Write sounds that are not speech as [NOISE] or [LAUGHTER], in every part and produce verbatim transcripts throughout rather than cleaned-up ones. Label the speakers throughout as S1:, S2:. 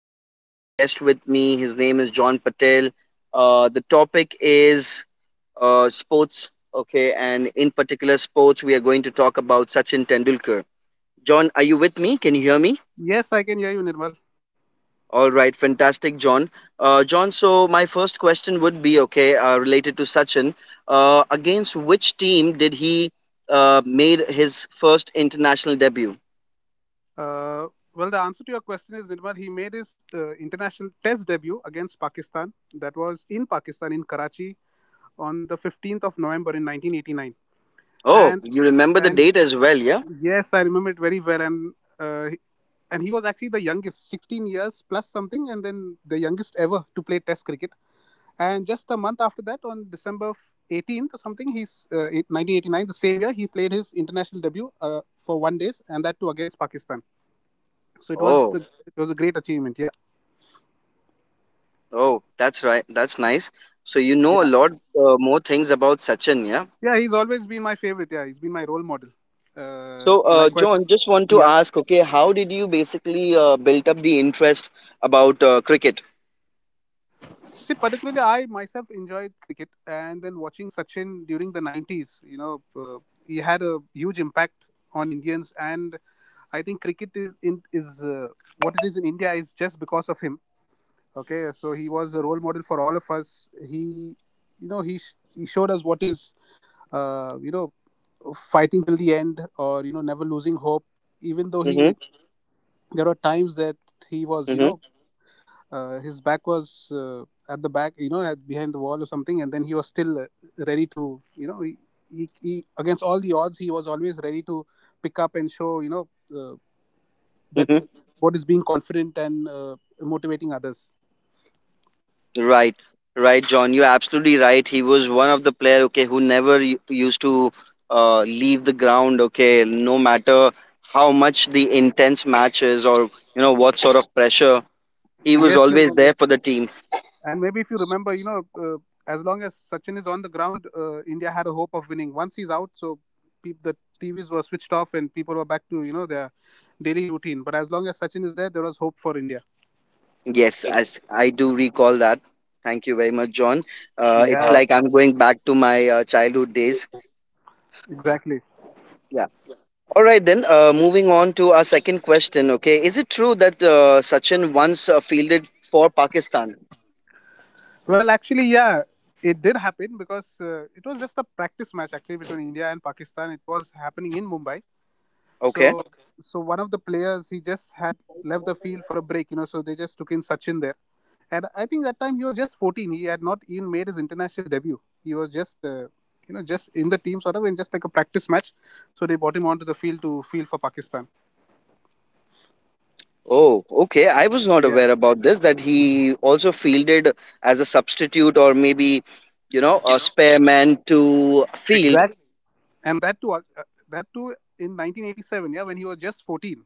S1: and I have a guest with me. His name is John Patel. Uh, the topic is uh, sports, okay, and in particular, sports. We are going to talk about Sachin Tendulkar. John, are you with me? Can you hear me?
S2: Yes, I can hear you, Nirmal.
S1: All right, fantastic, John. Uh, John, so my first question would be okay, uh, related to Sachin. Uh, against which team did he uh, made his first international debut?
S2: Uh, well, the answer to your question is Nirmal. He made his uh, international test debut against Pakistan. That was in Pakistan in Karachi on the fifteenth of November in nineteen eighty-nine.
S1: Oh,
S2: And
S1: you remember the
S2: and
S1: date as well, yeah?
S2: yes, I remember it very well. And uh, he- and he was actually the youngest, sixteen years plus something, and then the youngest ever to play Test cricket. And just a month after that, on December eighteenth or something, he's uh, nineteen eighty-nine, the same year, he played his international debut uh, for one days, and that too against Pakistan. So it was
S1: Oh,
S2: the it was a great achievement. Yeah,
S1: oh, that's right. That's nice. So you know a
S2: yeah,
S1: lot uh, more things about Sachin, yeah?
S2: yeah. He's always been my favorite. Yeah, he's been my role model. Uh,
S1: So, uh,
S2: likewise,
S1: John, just want to
S2: yeah.
S1: ask, okay, how did you basically uh, built up the interest about uh, cricket?
S2: See, particularly I myself enjoyed cricket, and then watching Sachin during the nineties. You know, uh, He had a huge impact on Indians, and I think cricket is in is uh, what it is in India is just because of him. Okay, so he was a role model for all of us. he you know he sh- He showed us what is uh, you know fighting till the end, or you know, never losing hope, even though he
S1: Mm-hmm.
S2: there were times that he was, you
S1: Mm-hmm.
S2: know, uh, his back was uh, at the back, you know, at, behind the wall or something, and then he was still uh, ready to you know he, he, he against all the odds, he was always ready to pick up and show, you know, uh, that
S1: Mm-hmm.
S2: uh, what is being confident and uh, motivating others.
S1: Right, right, John. You're absolutely right. He was one of the player, okay, who never u- used to uh, leave the ground, okay, no matter how much the intense matches or you know what sort of pressure. He was
S2: Yes,
S1: always
S2: Nirmal,
S1: there for the team.
S2: and maybe if you remember, you know, uh, as long as Sachin is on the ground, uh, India had a hope of winning. Once he's out, so peop the T Vs were switched off and people were back to, you know, their daily routine. But as long as Sachin is there, there was hope for India.
S1: Yes, as I do recall that. Thank you very much, John. Uh,
S2: Yeah.
S1: it's
S2: Uh,
S1: like I'm going back to my uh, childhood days.
S2: exactly.
S1: Yeah. All right, then. Uh, moving on to our second question. Okay, is it true that uh, Sachin once uh, fielded for Pakistan?
S2: Well, actually, yeah, it did happen because uh, it was just a practice match actually between India and Pakistan. It was happening in Mumbai. So,
S1: Okay.
S2: Okay. so one of the players he just had left the field for a break, you know. So they just took in Sachin there, and I think that time he was just fourteen. He had not even made his international debut. He was just, uh, you know, just in the team sort of in, just like a practice match. So they brought him onto the field to field for Pakistan.
S1: Oh, okay. I was not
S2: Yeah,
S1: aware about this, that he also fielded as a substitute or maybe, you know, a spare man to field.
S2: exactly. And that too, uh, that too in nineteen eighty-seven. Yeah, when he was just fourteen.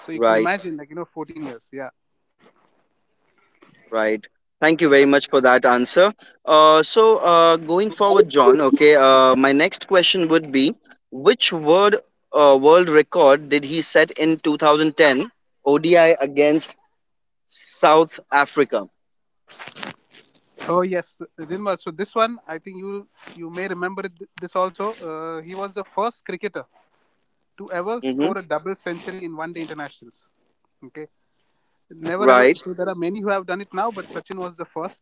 S2: So you can
S1: Right.
S2: imagine, like, you know, fourteen years. Yeah.
S1: Right. Thank you very much for that answer. Uh, so, uh, going forward, John, okay, uh, my next question would be, which word, uh, world record did he set in twenty ten O D I against South Africa?
S2: Oh yes, Dinwar. So this one, I think you you may remember it, this also. Uh, He was the first cricketer to ever
S1: Hmm.
S2: score a double century in one day internationals. Okay, never ever.
S1: Right.
S2: So there are many who have done it now, but Sachin was the first,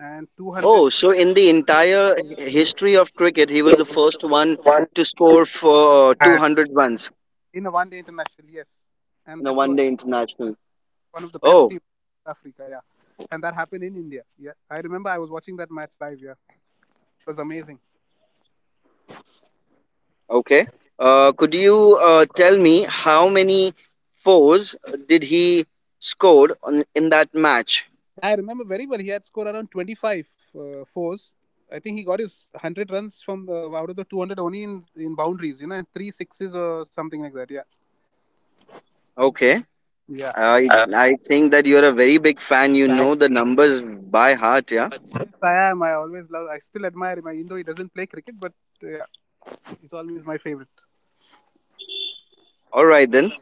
S2: and two hundred,
S1: Oh, so in the entire h- history of cricket, he
S2: he
S1: was the
S2: was the
S1: first
S2: first
S1: one
S2: one
S1: to score for two hundred runs
S2: in a one day international. Yes, and
S1: in a
S2: that to
S1: one
S2: a,
S1: day international.
S2: one of the best
S1: Oh,
S2: teams in Africa. Yeah, and that happened in India. Yeah, I remember I was watching that match live. Yeah, it was amazing.
S1: okay. Uh, could you uh, tell me how many fours did he scored on, in that match?
S2: Yeah, I remember very well. He had scored around twenty-five uh, fours. I think he got his one hundred runs from, uh, out of the two hundred, only in, in boundaries, you know, and three sixes or something like that. Yeah.
S1: Okay. I
S2: Yeah.
S1: I think that you're a very big fan. You know the numbers by heart, yeah.
S2: Yes, I am. I always love. I still admire my, even he doesn't play cricket, but uh, yeah, he's always my favorite.
S1: All right then.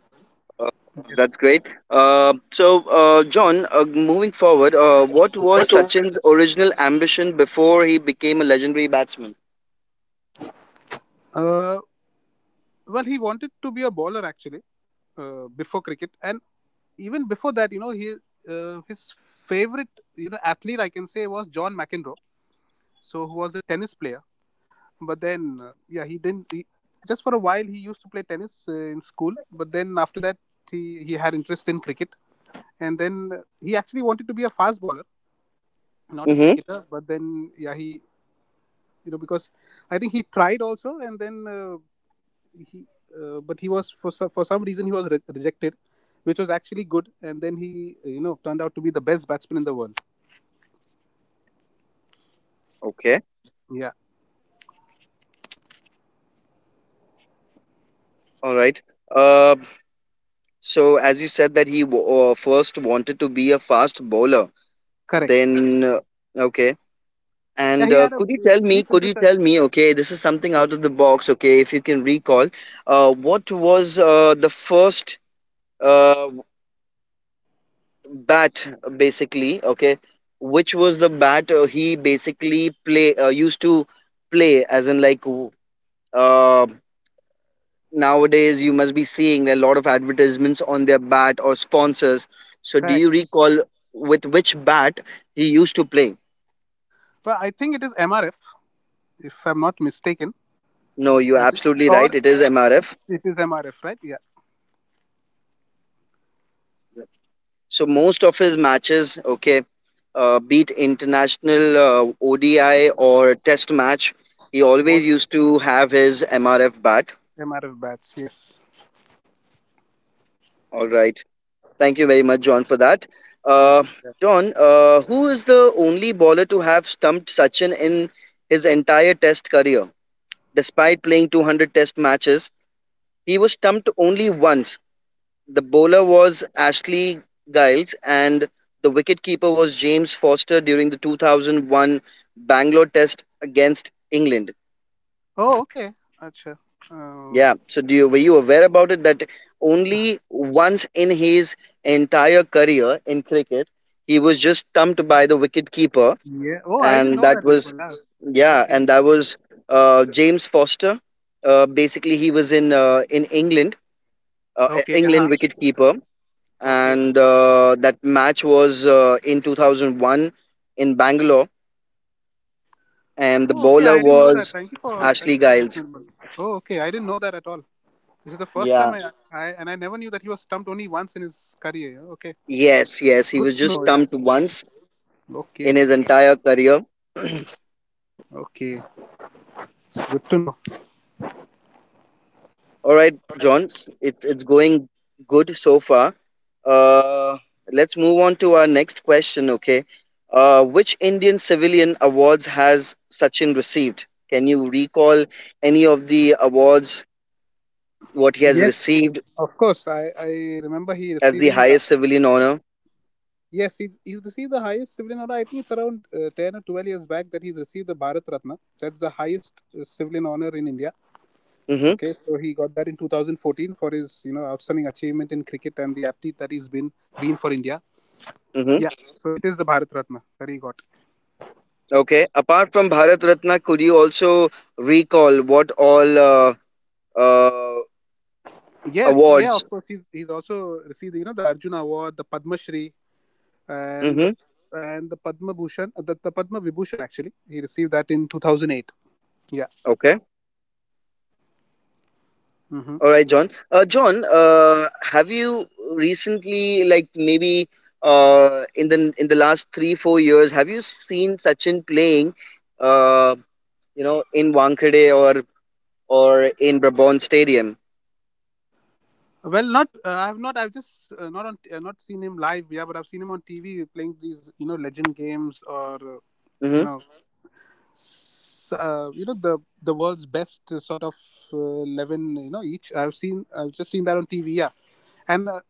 S1: Uh,
S2: Yes.
S1: that's great. Uh, so, uh, John, uh, moving forward, uh, what was
S2: What?
S1: Sachin's original ambition before he became a legendary batsman?
S2: Uh, well, he wanted to be a bowler actually uh, before cricket, and even before that, you know, he uh, his favorite, you know, athlete I can say was John McEnroe. So, who was a tennis player. But then uh, yeah he didn't he, just for a while he used to play tennis uh, in school, but then after that, he, he had interest in cricket, and then uh, he actually wanted to be a fast bowler, not a
S1: Mm-hmm.
S2: cricketer. But then yeah, he you know because I think he tried also, and then uh, he uh, but he was for so- for some reason he was re- rejected, which was actually good, and then he, uh, you know, turned out to be the best batsman in the world.
S1: Okay.
S2: Yeah,
S1: All right. Uh, so, as you said that he w- uh, first wanted to be a fast bowler,
S2: correct.
S1: then uh, okay.
S2: Yeah,
S1: And
S2: he
S1: uh,
S2: had a
S1: could you
S2: uh,
S1: tell me,
S2: brief
S1: could you
S2: interest.
S1: tell me okay, this is something out
S2: Okay,
S1: of the box, okay, if you can recall, uh, what was uh, the first uh, bat, basically, okay, which was the bat uh, he basically play uh, used to play as in like w- uh, nowadays you must be seeing a lot of advertisements on their bat or sponsors, so do you
S2: correct.
S1: recall with which bat he used to play?
S2: But I think it is MRF, if I'm not mistaken.
S1: No, you're
S2: I think-
S1: absolutely
S2: or
S1: right. It is M R F.
S2: it is M R F, right? Yeah,
S1: So most of his matches, okay, uh, be it international uh, O D I or test match, he always
S2: was
S1: used to have his M R F bat.
S2: M R F batch. Yes.
S1: All right. Thank you very much, John, for that.
S2: Y-
S1: Uh,
S2: Yeah.
S1: John, uh, who is the only bowler to have stumped Sachin in his entire test career? Despite playing two hundred test matches, he was stumped only once. The bowler was Ashley Giles and the wicketkeeper was James Foster during the two thousand one Bangalore Test against England.
S2: Oh, okay. Acha. Uh,
S1: Yeah. So do you were you aware about it that only once in his entire career in cricket he was just stumped by the wicketkeeper,
S2: yeah. Oh, I didn't
S1: and
S2: know that,
S1: that
S2: Nirmal.
S1: was,
S2: Yeah.
S1: yeah
S2: Okay.
S1: and that was uh, James Foster. Uh, basically, he was in uh, in England, uh,
S2: Okay. Yeah.
S1: England wicketkeeper,
S2: Okay.
S1: and uh, that match was uh, in two thousand one in Bangalore, and the
S2: Oh, okay. I
S1: bowler
S2: didn't know that.
S1: was
S2: Thank you for thank
S1: Ashley
S2: you for this,
S1: Giles.
S2: Nirmal. Oh, okay. I didn't know that at all. This is the first time
S1: Yeah.
S2: I, I, and I never knew that he was stumped only once in his career. Yeah. Okay.
S1: Yes, yes,
S2: It's
S1: he
S2: good
S1: was
S2: to
S1: just
S2: know. Yeah.
S1: stumped once in
S2: Okay.
S1: his entire career. [CLEARS THROAT] All
S2: Okay. It's good to know.
S1: right, John, s- it's it's going good so far. Uh, let's move on to our next question. Okay, uh, which Indian civilian awards has Sachin received? Can you recall any of the awards what he has
S2: Yes.
S1: received
S2: Of course. I I remember he
S1: as the
S2: receiving.
S1: highest civilian honor?
S2: Yes, he's, he's received the highest civilian honor. I think it's around uh, ten or twelve years back that he's received the Bharat Ratna. That's the highest uh, civilian honor in India.
S1: Hmm.
S2: Okay, so he got that in two thousand fourteen for his, you know, outstanding achievement in cricket and the athlete that he's been been for India.
S1: Hmm.
S2: Yeah, so it is the Bharat Ratna that he got.
S1: Okay. Apart from Bharat Ratna, could you also recall what all uh, uh,
S2: Yes, yeah,
S1: awards?
S2: of course. He's, he's also received, you know, the Arjuna Award, the Padma Shri, and the,
S1: Hmm.
S2: and the Padma Bhushan, uh, the, the Padma Vibhushan actually. He received that in two thousand eight. Yeah.
S1: Okay.
S2: Mhm.
S1: All right, John. Uh, John, uh, have you recently, like maybe uh, in the in the last three four years, have you seen Sachin playing? Uh, you know, in Wankhede or, or in Brabant Stadium.
S2: Well, not uh, I have not. I've just uh, not on uh, not seen him live. Yeah, but I've seen him on T V playing these, you know, legend games, or uh, you
S1: Hmm.
S2: know s- uh, you know the the world's best, uh, sort of uh, eleven, you know, each. I've seen I've just seen that on T V. Yeah, and uh,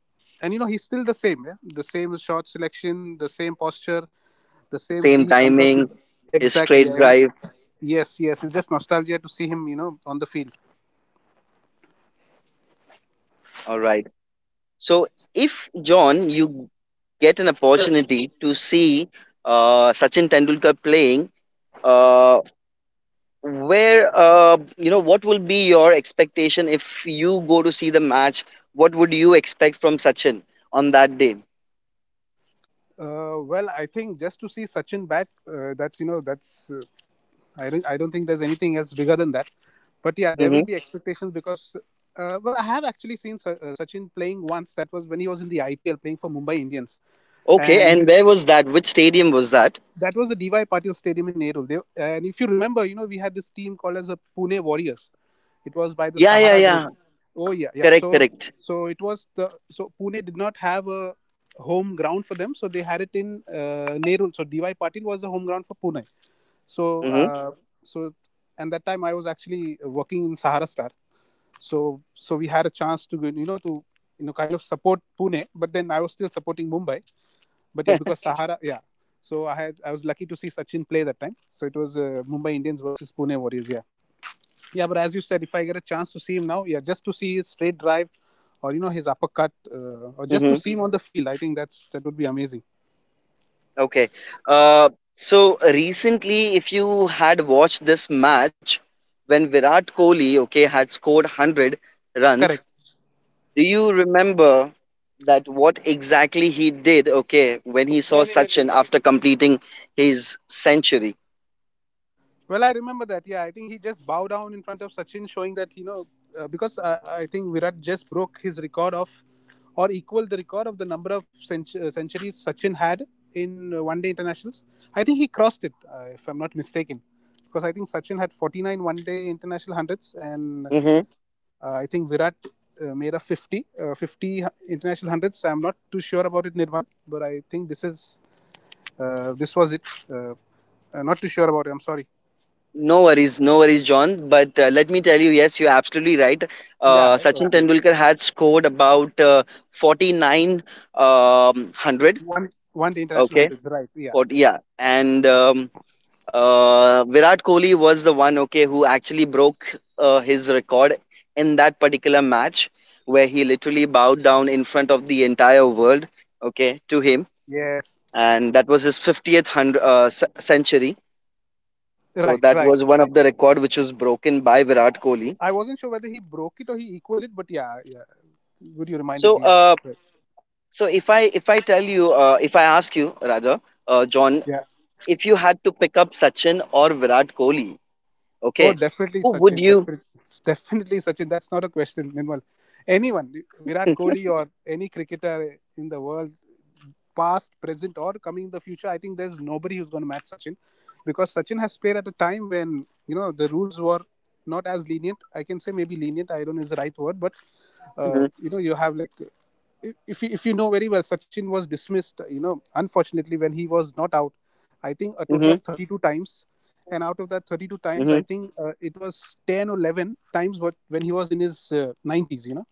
S2: and you know, he's still the same. Yeah, the same shot selection, the same posture, the same way
S1: Same
S2: he comes out. To,
S1: timing, his
S2: exactly.
S1: straight
S2: Yeah, every,
S1: drive.
S2: yes, yes. It's just nostalgia to see him. You know, on the field.
S1: All right. So, if John, you get an opportunity to see uh, Sachin Tendulkar playing, uh, where uh, you know what will be your expectation if you go to see the match? What would you expect from Sachin on that day?
S2: Uh, well, I think just to see Sachin back, uh, that's you know that's uh, I don't, I don't think there's anything else bigger than that. But yeah, there will
S1: Hmm.
S2: be expectations because, uh, well, I have actually seen Sa- uh, Sachin playing once. That was when he was in the I P L playing for Mumbai Indians,
S1: Okay,
S2: and
S1: and
S2: he,
S1: where was that? Which stadium was that?
S2: that was the D Y Patil Stadium in Nehru. They, and if you remember, you know, we had this team called as the Pune Warriors. It was by the
S1: Yeah, yeah,
S2: Sahara Group.
S1: yeah.
S2: Oh yeah, yeah.
S1: Correct,
S2: So
S1: correct.
S2: so it was the, so Pune did not have a home ground for them, so they had it in uh, Nehru. So D Y Patil was the home ground for Pune. So
S1: Hmm.
S2: uh, so and that time I was actually working in Sahara Star. So so we had a chance to, you know, to, you know, kind of support Pune, but then I was still supporting Mumbai. But yeah, because Sahara, yeah. So I had I was lucky to see Sachin play that time. So it was uh, Mumbai Indians versus Pune Warriors. Yeah, yeah. But as you said, if I get a chance to see him now, yeah, just to see his straight drive, or you know, his uppercut, uh, or just to see
S1: [LAUGHS]
S2: him on the field, I think that's that would be amazing.
S1: Okay. Uh, so recently, if you had watched this match when Virat Kohli, okay, had scored one hundred runs,
S2: Correct.
S1: do you remember that what exactly he did, okay, when he saw Sachin after completing his century?
S2: Well, I remember that. Yeah, I think he just bowed down in front of Sachin, showing that, you know uh, because uh, I think Virat just broke his record of, or equaled the record of the number of centu- uh, centuries Sachin had in uh, one-day internationals. I think he crossed it, uh, if I'm not mistaken, because I think Sachin had forty-nine one-day international hundreds, and
S1: Hmm.
S2: uh, I think Virat, Uh, made a fifty, uh, fifty international hundreds. I'm not too sure about it, Nirmal, but I think this is, uh, this was it uh, uh, not too sure about it, I'm sorry.
S1: No worries, no worries, John. But uh, let me tell you, yes, you're absolutely right.
S2: Yeah,
S1: Uh, Sachin
S2: okay.
S1: Tendulkar had scored about uh, forty-nine, um, one hundred,
S2: One one day international
S1: okay,
S2: hundreds, right? Yeah.
S1: forty, yeah, and. Um, Uh, Virat Kohli was the one, okay, who actually broke uh, his record in that particular match, where he literally bowed down in front of the entire world, okay, to him.
S2: Yes.
S1: And that was his fiftieth hundred, uh, c- century. So
S2: Right,
S1: that
S2: right,
S1: was
S2: right.
S1: one
S2: Yeah.
S1: of the record which was broken by Virat Kohli.
S2: I wasn't sure whether he broke it or he equaled it, but yeah, yeah. Good, you reminded
S1: So,
S2: me. Yeah,
S1: uh,
S2: right.
S1: so if I if I tell you, uh, if I ask you rather, uh, John,
S2: Yeah.
S1: if you had to pick up Sachin or Virat Kohli, okay,
S2: Oh, definitely
S1: who would
S2: Sachin.
S1: you?
S2: Definitely, definitely Sachin. That's not a question. Minimal. Anyone, Virat Kohli or any cricketer in the world, past, present, or coming in the future, I think there's nobody who's going to match Sachin, because Sachin has played at a time when, you know, the rules were not as lenient. I can say maybe lenient. I don't know is the right word, but
S1: Hmm.
S2: uh, you know, you have like, if if you, if you know very well, Sachin was dismissed. You know, unfortunately, when he was not out, I think a total
S1: Hmm.
S2: of thirty-two times, and out of that thirty-two times, I
S1: Hmm.
S2: think uh, it was ten or eleven times. But when he was in his uh, nineties, you know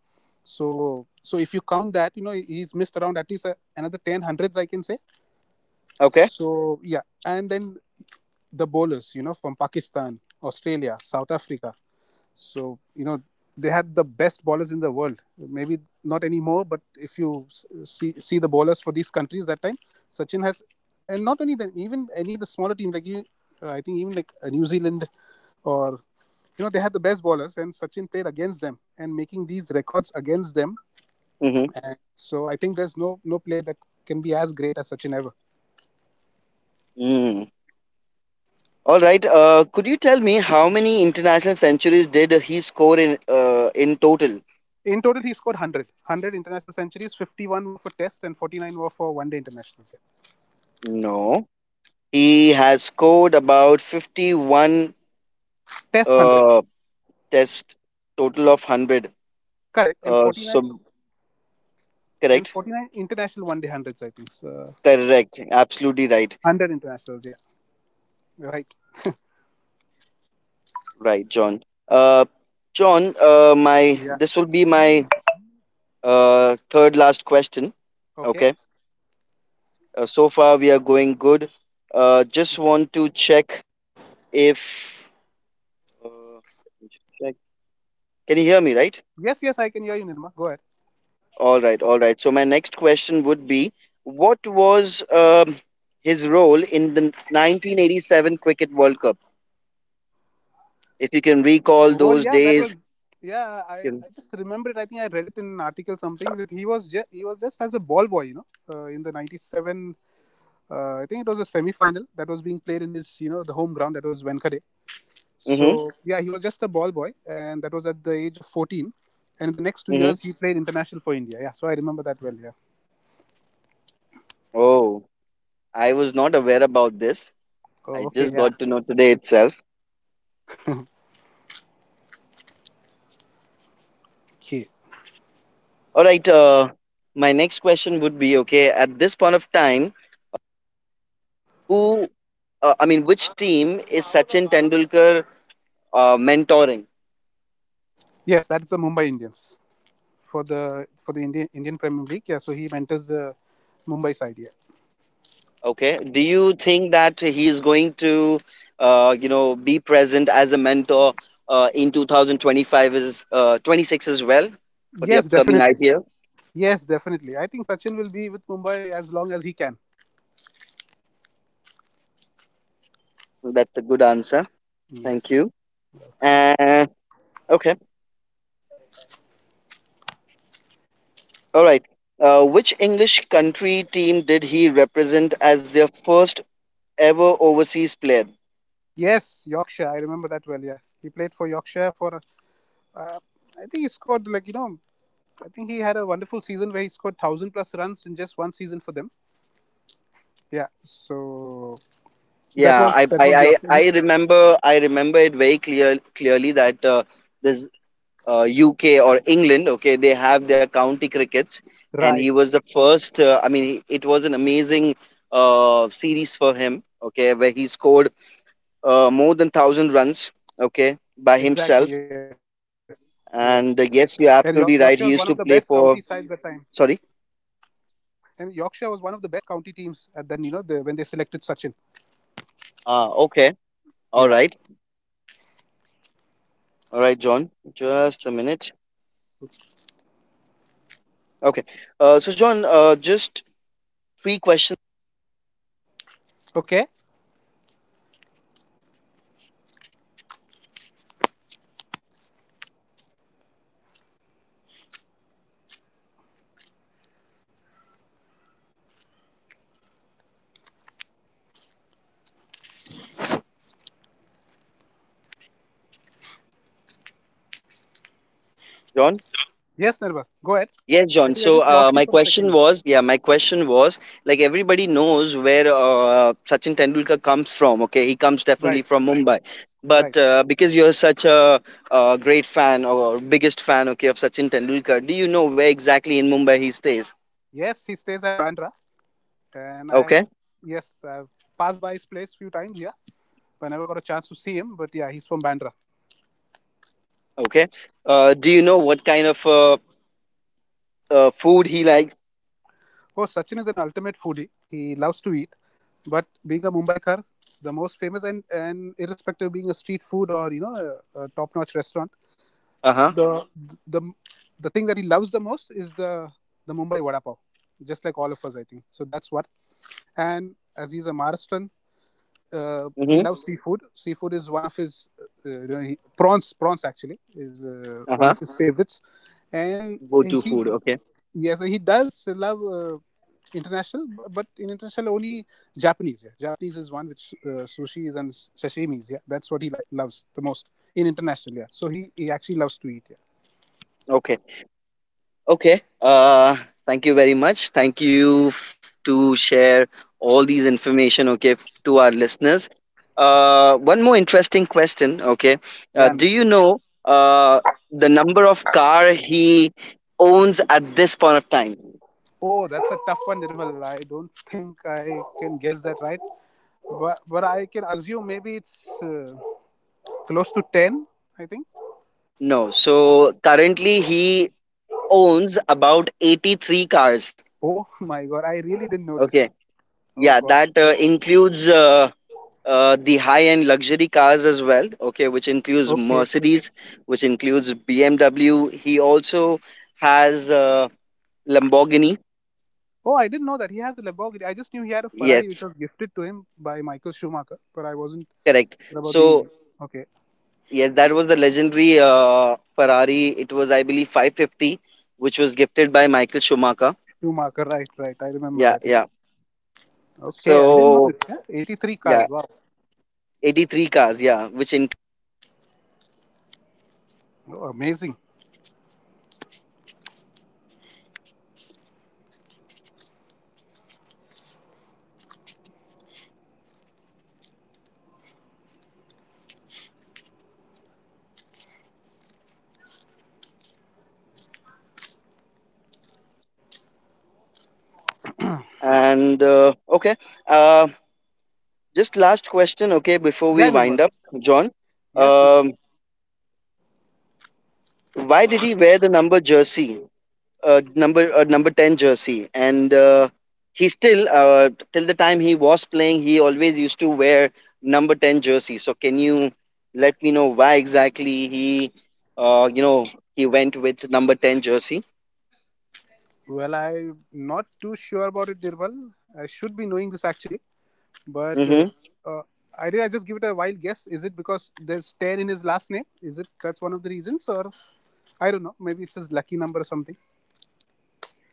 S2: so, so if you count that, you know, he's missed around at least uh, another ten hundreds, I can say.
S1: Okay.
S2: So, yeah. And then the bowlers, you know, from Pakistan, Australia, South Africa. So, you know, they had the best bowlers in the world. Maybe not anymore, but if you s- see, see the bowlers for these countries that time, Sachin has, and not only them, even any of the smaller teams like you, uh, I think even like uh, New Zealand or you know they had the best bowlers and sachin played against them and making these records against them.
S1: Mm-hmm.
S2: So I think there's no no player that can be as great as Sachin ever.
S1: Mm. All right. Uh, could you tell me how many international centuries did he score in uh, in total?
S2: In total, he scored a hundred. a hundred international centuries, fifty-one were for Test and forty-nine were for One Day Internationals. Yeah.
S1: No. He has scored about fifty-one
S2: Test
S1: uh,
S2: hundreds,
S1: test total of one hundred.
S2: correct, and
S1: Uh,
S2: 49
S1: so,
S2: and
S1: correct?
S2: 49 international One Day hundreds, I think. So,
S1: Correct. Absolutely right.
S2: one hundred internationals, yeah. Right.
S1: Right, John. Uh, John, uh, my
S2: Yeah.
S1: this will be my uh, third last question.
S2: Okay.
S1: Okay. Uh, so far we are going good. Uh, just
S2: Okay.
S1: want to check if, Uh, Just check. Can you hear me, right?
S2: Yes, yes, I can hear you, Nirma. Go ahead.
S1: All right, all right. So my next question would be, what was um, his role in the nineteen eighty-seven Cricket World Cup? If you can recall
S2: Well,
S1: those
S2: yeah, that was,
S1: days.
S2: yeah. I, I just remember it. I think I read it in an article something that he was just he was just as a ball boy, you know, uh, in the ninety-seven uh, I think it was a semi-final that was being played in his, you know, the home ground. That was Venkade.
S1: Mm-hmm.
S2: So yeah, he was just a ball boy, and that was at the age of fourteen. And in the next two
S1: Mm-hmm.
S2: years, he played international for India. Yeah, so I remember that well. Yeah.
S1: Oh, I was not aware about this.
S2: Oh,
S1: I
S2: okay.
S1: just
S2: Yeah.
S1: got to know today itself.
S2: Okay.
S1: All right. Uh, my next question would be, okay, at this point of time, who, uh, I mean, which team is Sachin Tendulkar uh, mentoring?
S2: Yes, that's the Mumbai Indians for the for the Indian Indian Premier League. Yeah. So he mentors the Mumbai side. Yeah.
S1: Okay. Do you think that he is going to, uh, you know, be present as a mentor uh, in two thousand twenty-five is uh, twenty-six as well for the
S2: Yes,
S1: upcoming
S2: definitely.
S1: I P L?
S2: Yes, definitely. I think Sachin will be with Mumbai as long as he can.
S1: That's a good answer. Thank
S2: Yes.
S1: you. Uh, okay. All right. Uh, which English country team did he represent as their first ever overseas player?
S2: Yes, Yorkshire. I remember that well. Yeah, he played for Yorkshire for, I think he scored, like, you know. I think he had a wonderful season where he scored thousand plus runs in just one season for them. Yeah. So that
S1: Yeah,
S2: was
S1: I
S2: that
S1: I
S2: was
S1: I I
S2: Yorkshire. [LAUGHS]
S1: remember I remember it very clear clearly that uh, this uh, U K or England. Okay, they have their county crickets, and he
S2: Right.
S1: was the first. Uh, I mean, it was an amazing uh, series for him. Okay, where he scored uh, more than thousand runs. Okay, by himself.
S2: Exactly. Yes. Yes. And
S1: And uh,
S2: York-
S1: yes,
S2: Yorkshire
S1: you're
S2: was one of the
S1: absolutely
S2: best
S1: right. He used
S2: county
S1: to
S2: sides
S1: play
S2: at that time.
S1: for. Sorry.
S2: And Yorkshire was one of the best county teams at then, you know, the, when they selected Sachin.
S1: Ah, okay. All
S2: Yeah.
S1: right. All right, John. Just a minute. Okay. Uh, so, John, uh, just three questions,
S2: Okay.
S1: John.
S2: Yes, Nirva. Go ahead.
S1: Yes,
S2: I
S1: John.
S2: think I
S1: So
S2: just
S1: uh,
S2: lost you
S1: my
S2: for a
S1: question
S2: second there.
S1: was, yeah, my question was, like everybody knows where uh, Sachin Tendulkar comes from. Okay, he comes definitely
S2: Right.
S1: from Mumbai, but
S2: Right.
S1: uh, because you're such a, uh great fan or biggest fan, okay, of Sachin Tendulkar, do you know where exactly in Mumbai he stays?
S2: Yes, he stays at Bandra, and I have
S1: Okay,
S2: yes, I've passed by his place few times. Yeah. But I never got a chance to see him. But yeah, he's from Bandra.
S1: okay. Uh, do you know what kind of uh, uh, food he likes?
S2: Oh, Sachin is an ultimate foodie. He loves to eat, but being a Mumbaikar, the most famous and, and irrespective of being a street food or you know a, a top-notch restaurant,
S1: Uh huh.
S2: the, the the the thing that he loves the most is the the Mumbai vada pav, just like all of us, I think. So that's what. And as he's a Maharashtrian, uh, he
S1: Mm-hmm.
S2: loves seafood. Seafood is one of his, uh, you know, he, prawns. Prawns actually is uh,
S1: Uh huh.
S2: one of his favorites, and
S1: Go to
S2: he
S1: food. Okay.
S2: yes, he does love, uh, international, bu- but in international only Japanese. Yeah, Japanese is one which, uh, sushi is and sashimi. Yeah, that's what he li- loves the most in international. Yeah, so he he actually loves to eat. Yeah,
S1: Okay. Okay. Uh, thank you very much. Thank you f- to share all these information, okay, f- to our listeners. Uh, one more interesting question. Okay,
S2: yeah.
S1: uh, do
S2: Nirmal.
S1: you know uh, the number of car he owns at this point of time?
S2: Oh, that's a tough one, Nirmal. I don't think I can guess that right, but but I can assume maybe it's, Uh, close to ten, I think.
S1: No. So currently he owns about eighty three cars.
S2: Oh my god, I really didn't know this.
S1: Okay.
S2: Oh
S1: Yeah,
S2: god.
S1: that uh,
S2: Okay.
S1: includes uh, uh, the high-end luxury cars as well. Okay, which includes
S2: Okay.
S1: Mercedes, which includes B M W. He also has uh, Lamborghini.
S2: Oh, I didn't know that he has a Lamborghini. I just knew he had a Ferrari which was
S1: Yes,
S2: gifted to him by Michael Schumacher, but I wasn't
S1: correct.
S2: sure about the.
S1: So
S2: Okay,
S1: yes, that was the legendary uh, Ferrari. It was, I believe, five fifty, which was gifted by Michael Schumacher.
S2: Schumacher, right, right. I remember
S1: Yeah,
S2: that. Yeah.
S1: yeah.
S2: Okay, I didn't know this.
S1: So
S2: Yeah? eighty-three cars.
S1: yeah,
S2: Wow.
S1: eighty-three cars. Yeah, which in,
S2: Oh, amazing.
S1: and uh, okay. Uh, just last question. Okay, before
S2: Yeah,
S1: we wind
S2: Nirmal.
S1: up, John.
S2: Yes, Nirmal.
S1: Um, Why did he wear the number jersey, uh, number uh, number ten jersey? And uh, he still, uh, till the time he was playing, he always used to wear number ten jersey. So can you let me know why exactly he, uh, you know, he went with number ten jersey?
S2: Well, I'm not too sure about it, Nirmal. I should be knowing this actually. But
S1: Mm-hmm.
S2: uh, uh, I did. I just give it a wild guess. Is it because there's ten in his last name? Is it that's one of the reasons, or I don't know. Maybe it's his lucky number or something.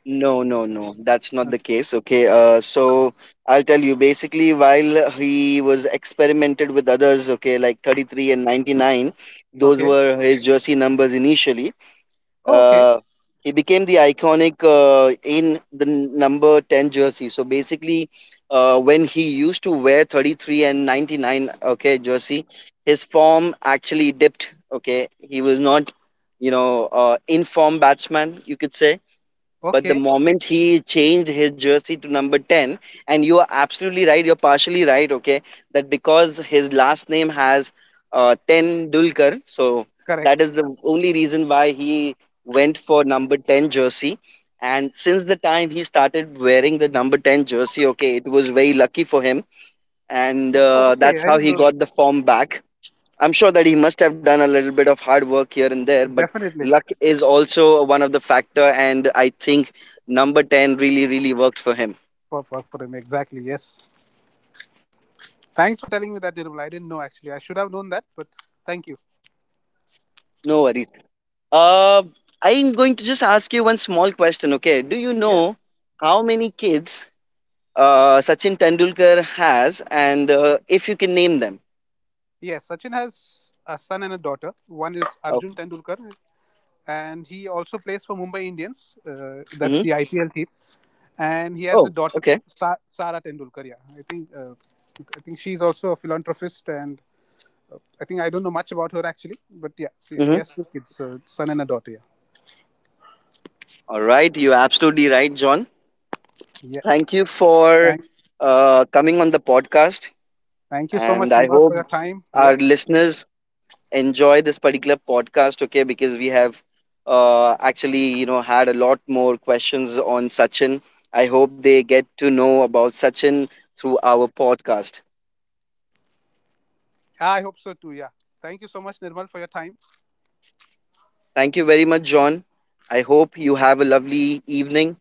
S1: No, no, no, that's not the
S2: Okay.
S1: case. Okay, uh, so I'll tell you, basically, while he was experimented with others, okay, like thirty-three and ninety-nine, those
S2: Okay.
S1: were his jersey numbers initially.
S2: Oh, okay.
S1: Uh, he became the iconic uh, in the n- number ten jersey. So basically, uh, when he used to wear thirty-three and ninety-nine, okay, jersey, his form actually dipped. Okay, he was not, you know, uh, in form batsman, you could say, but the
S2: Okay.
S1: moment he changed his jersey to number ten, and you are absolutely right, you're partially right, okay, that because his last name has uh, ten Dulkar, so that is
S2: Correct.
S1: the only reason why he went for number ten jersey. And since the time he started wearing the number ten jersey, okay, it was very lucky for him. And
S2: Oh,
S1: uh,
S2: okay.
S1: that's
S2: I
S1: how
S2: didn't
S1: he
S2: know that.
S1: got the form back. I'm sure that he must have done a little bit of hard work here and there, but
S2: Definitely.
S1: luck is also one of the factor, and I think number ten really, really worked for him.
S2: For, for, for him. Exactly. Yes. Thanks for telling me that, Nirmal. I didn't know actually. I should have known that, but thank you.
S1: No worries. Uh, I'm going to just ask you one small question. Okay, do you
S2: Yes.
S1: know how many kids uh, Sachin Tendulkar has, and uh, if you can name them?
S2: Yes. Sachin has a son and a daughter. One is
S1: Oh.
S2: Arjun Tendulkar, and he also plays for Mumbai Indians. Uh, that's
S1: Hmm.
S2: the I P L team. And he has a
S1: Oh,
S2: daughter,
S1: okay.
S2: Sa- Sara Tendulkar. Yeah, I think uh, I think she's also a philanthropist, and I think I don't know much about her actually, but yeah, she, he
S1: Hmm.
S2: has two kids, a son and a daughter. Yeah,
S1: All right, you're absolutely right, John.
S2: yeah.
S1: Thank you for
S2: Thank,
S1: uh, coming on the podcast.
S2: thank you so much,
S1: And I
S2: Nirmal, for your
S1: hope
S2: time.
S1: our
S2: Yes.
S1: listeners enjoy this particular podcast, okay? Because we have uh, actually, you know, had a lot more questions on Sachin. I hope they get to know about Sachin through our podcast.
S2: Yeah, I hope so too. Yeah, thank you so much, Nirmal, for your time.
S1: Thank you very much, John. I hope you have a lovely evening,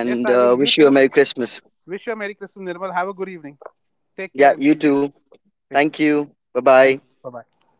S2: Yes, I will.
S1: uh,
S2: You
S1: wish you a
S2: too.
S1: Merry Christmas.
S2: Wish you a Merry Christmas, Nirmal. Have a good evening. Take care
S1: Yeah,
S2: and see
S1: you
S2: you.
S1: too.
S2: Take
S1: Thank
S2: care.
S1: you. Bye bye.
S2: Thank you. Bye bye.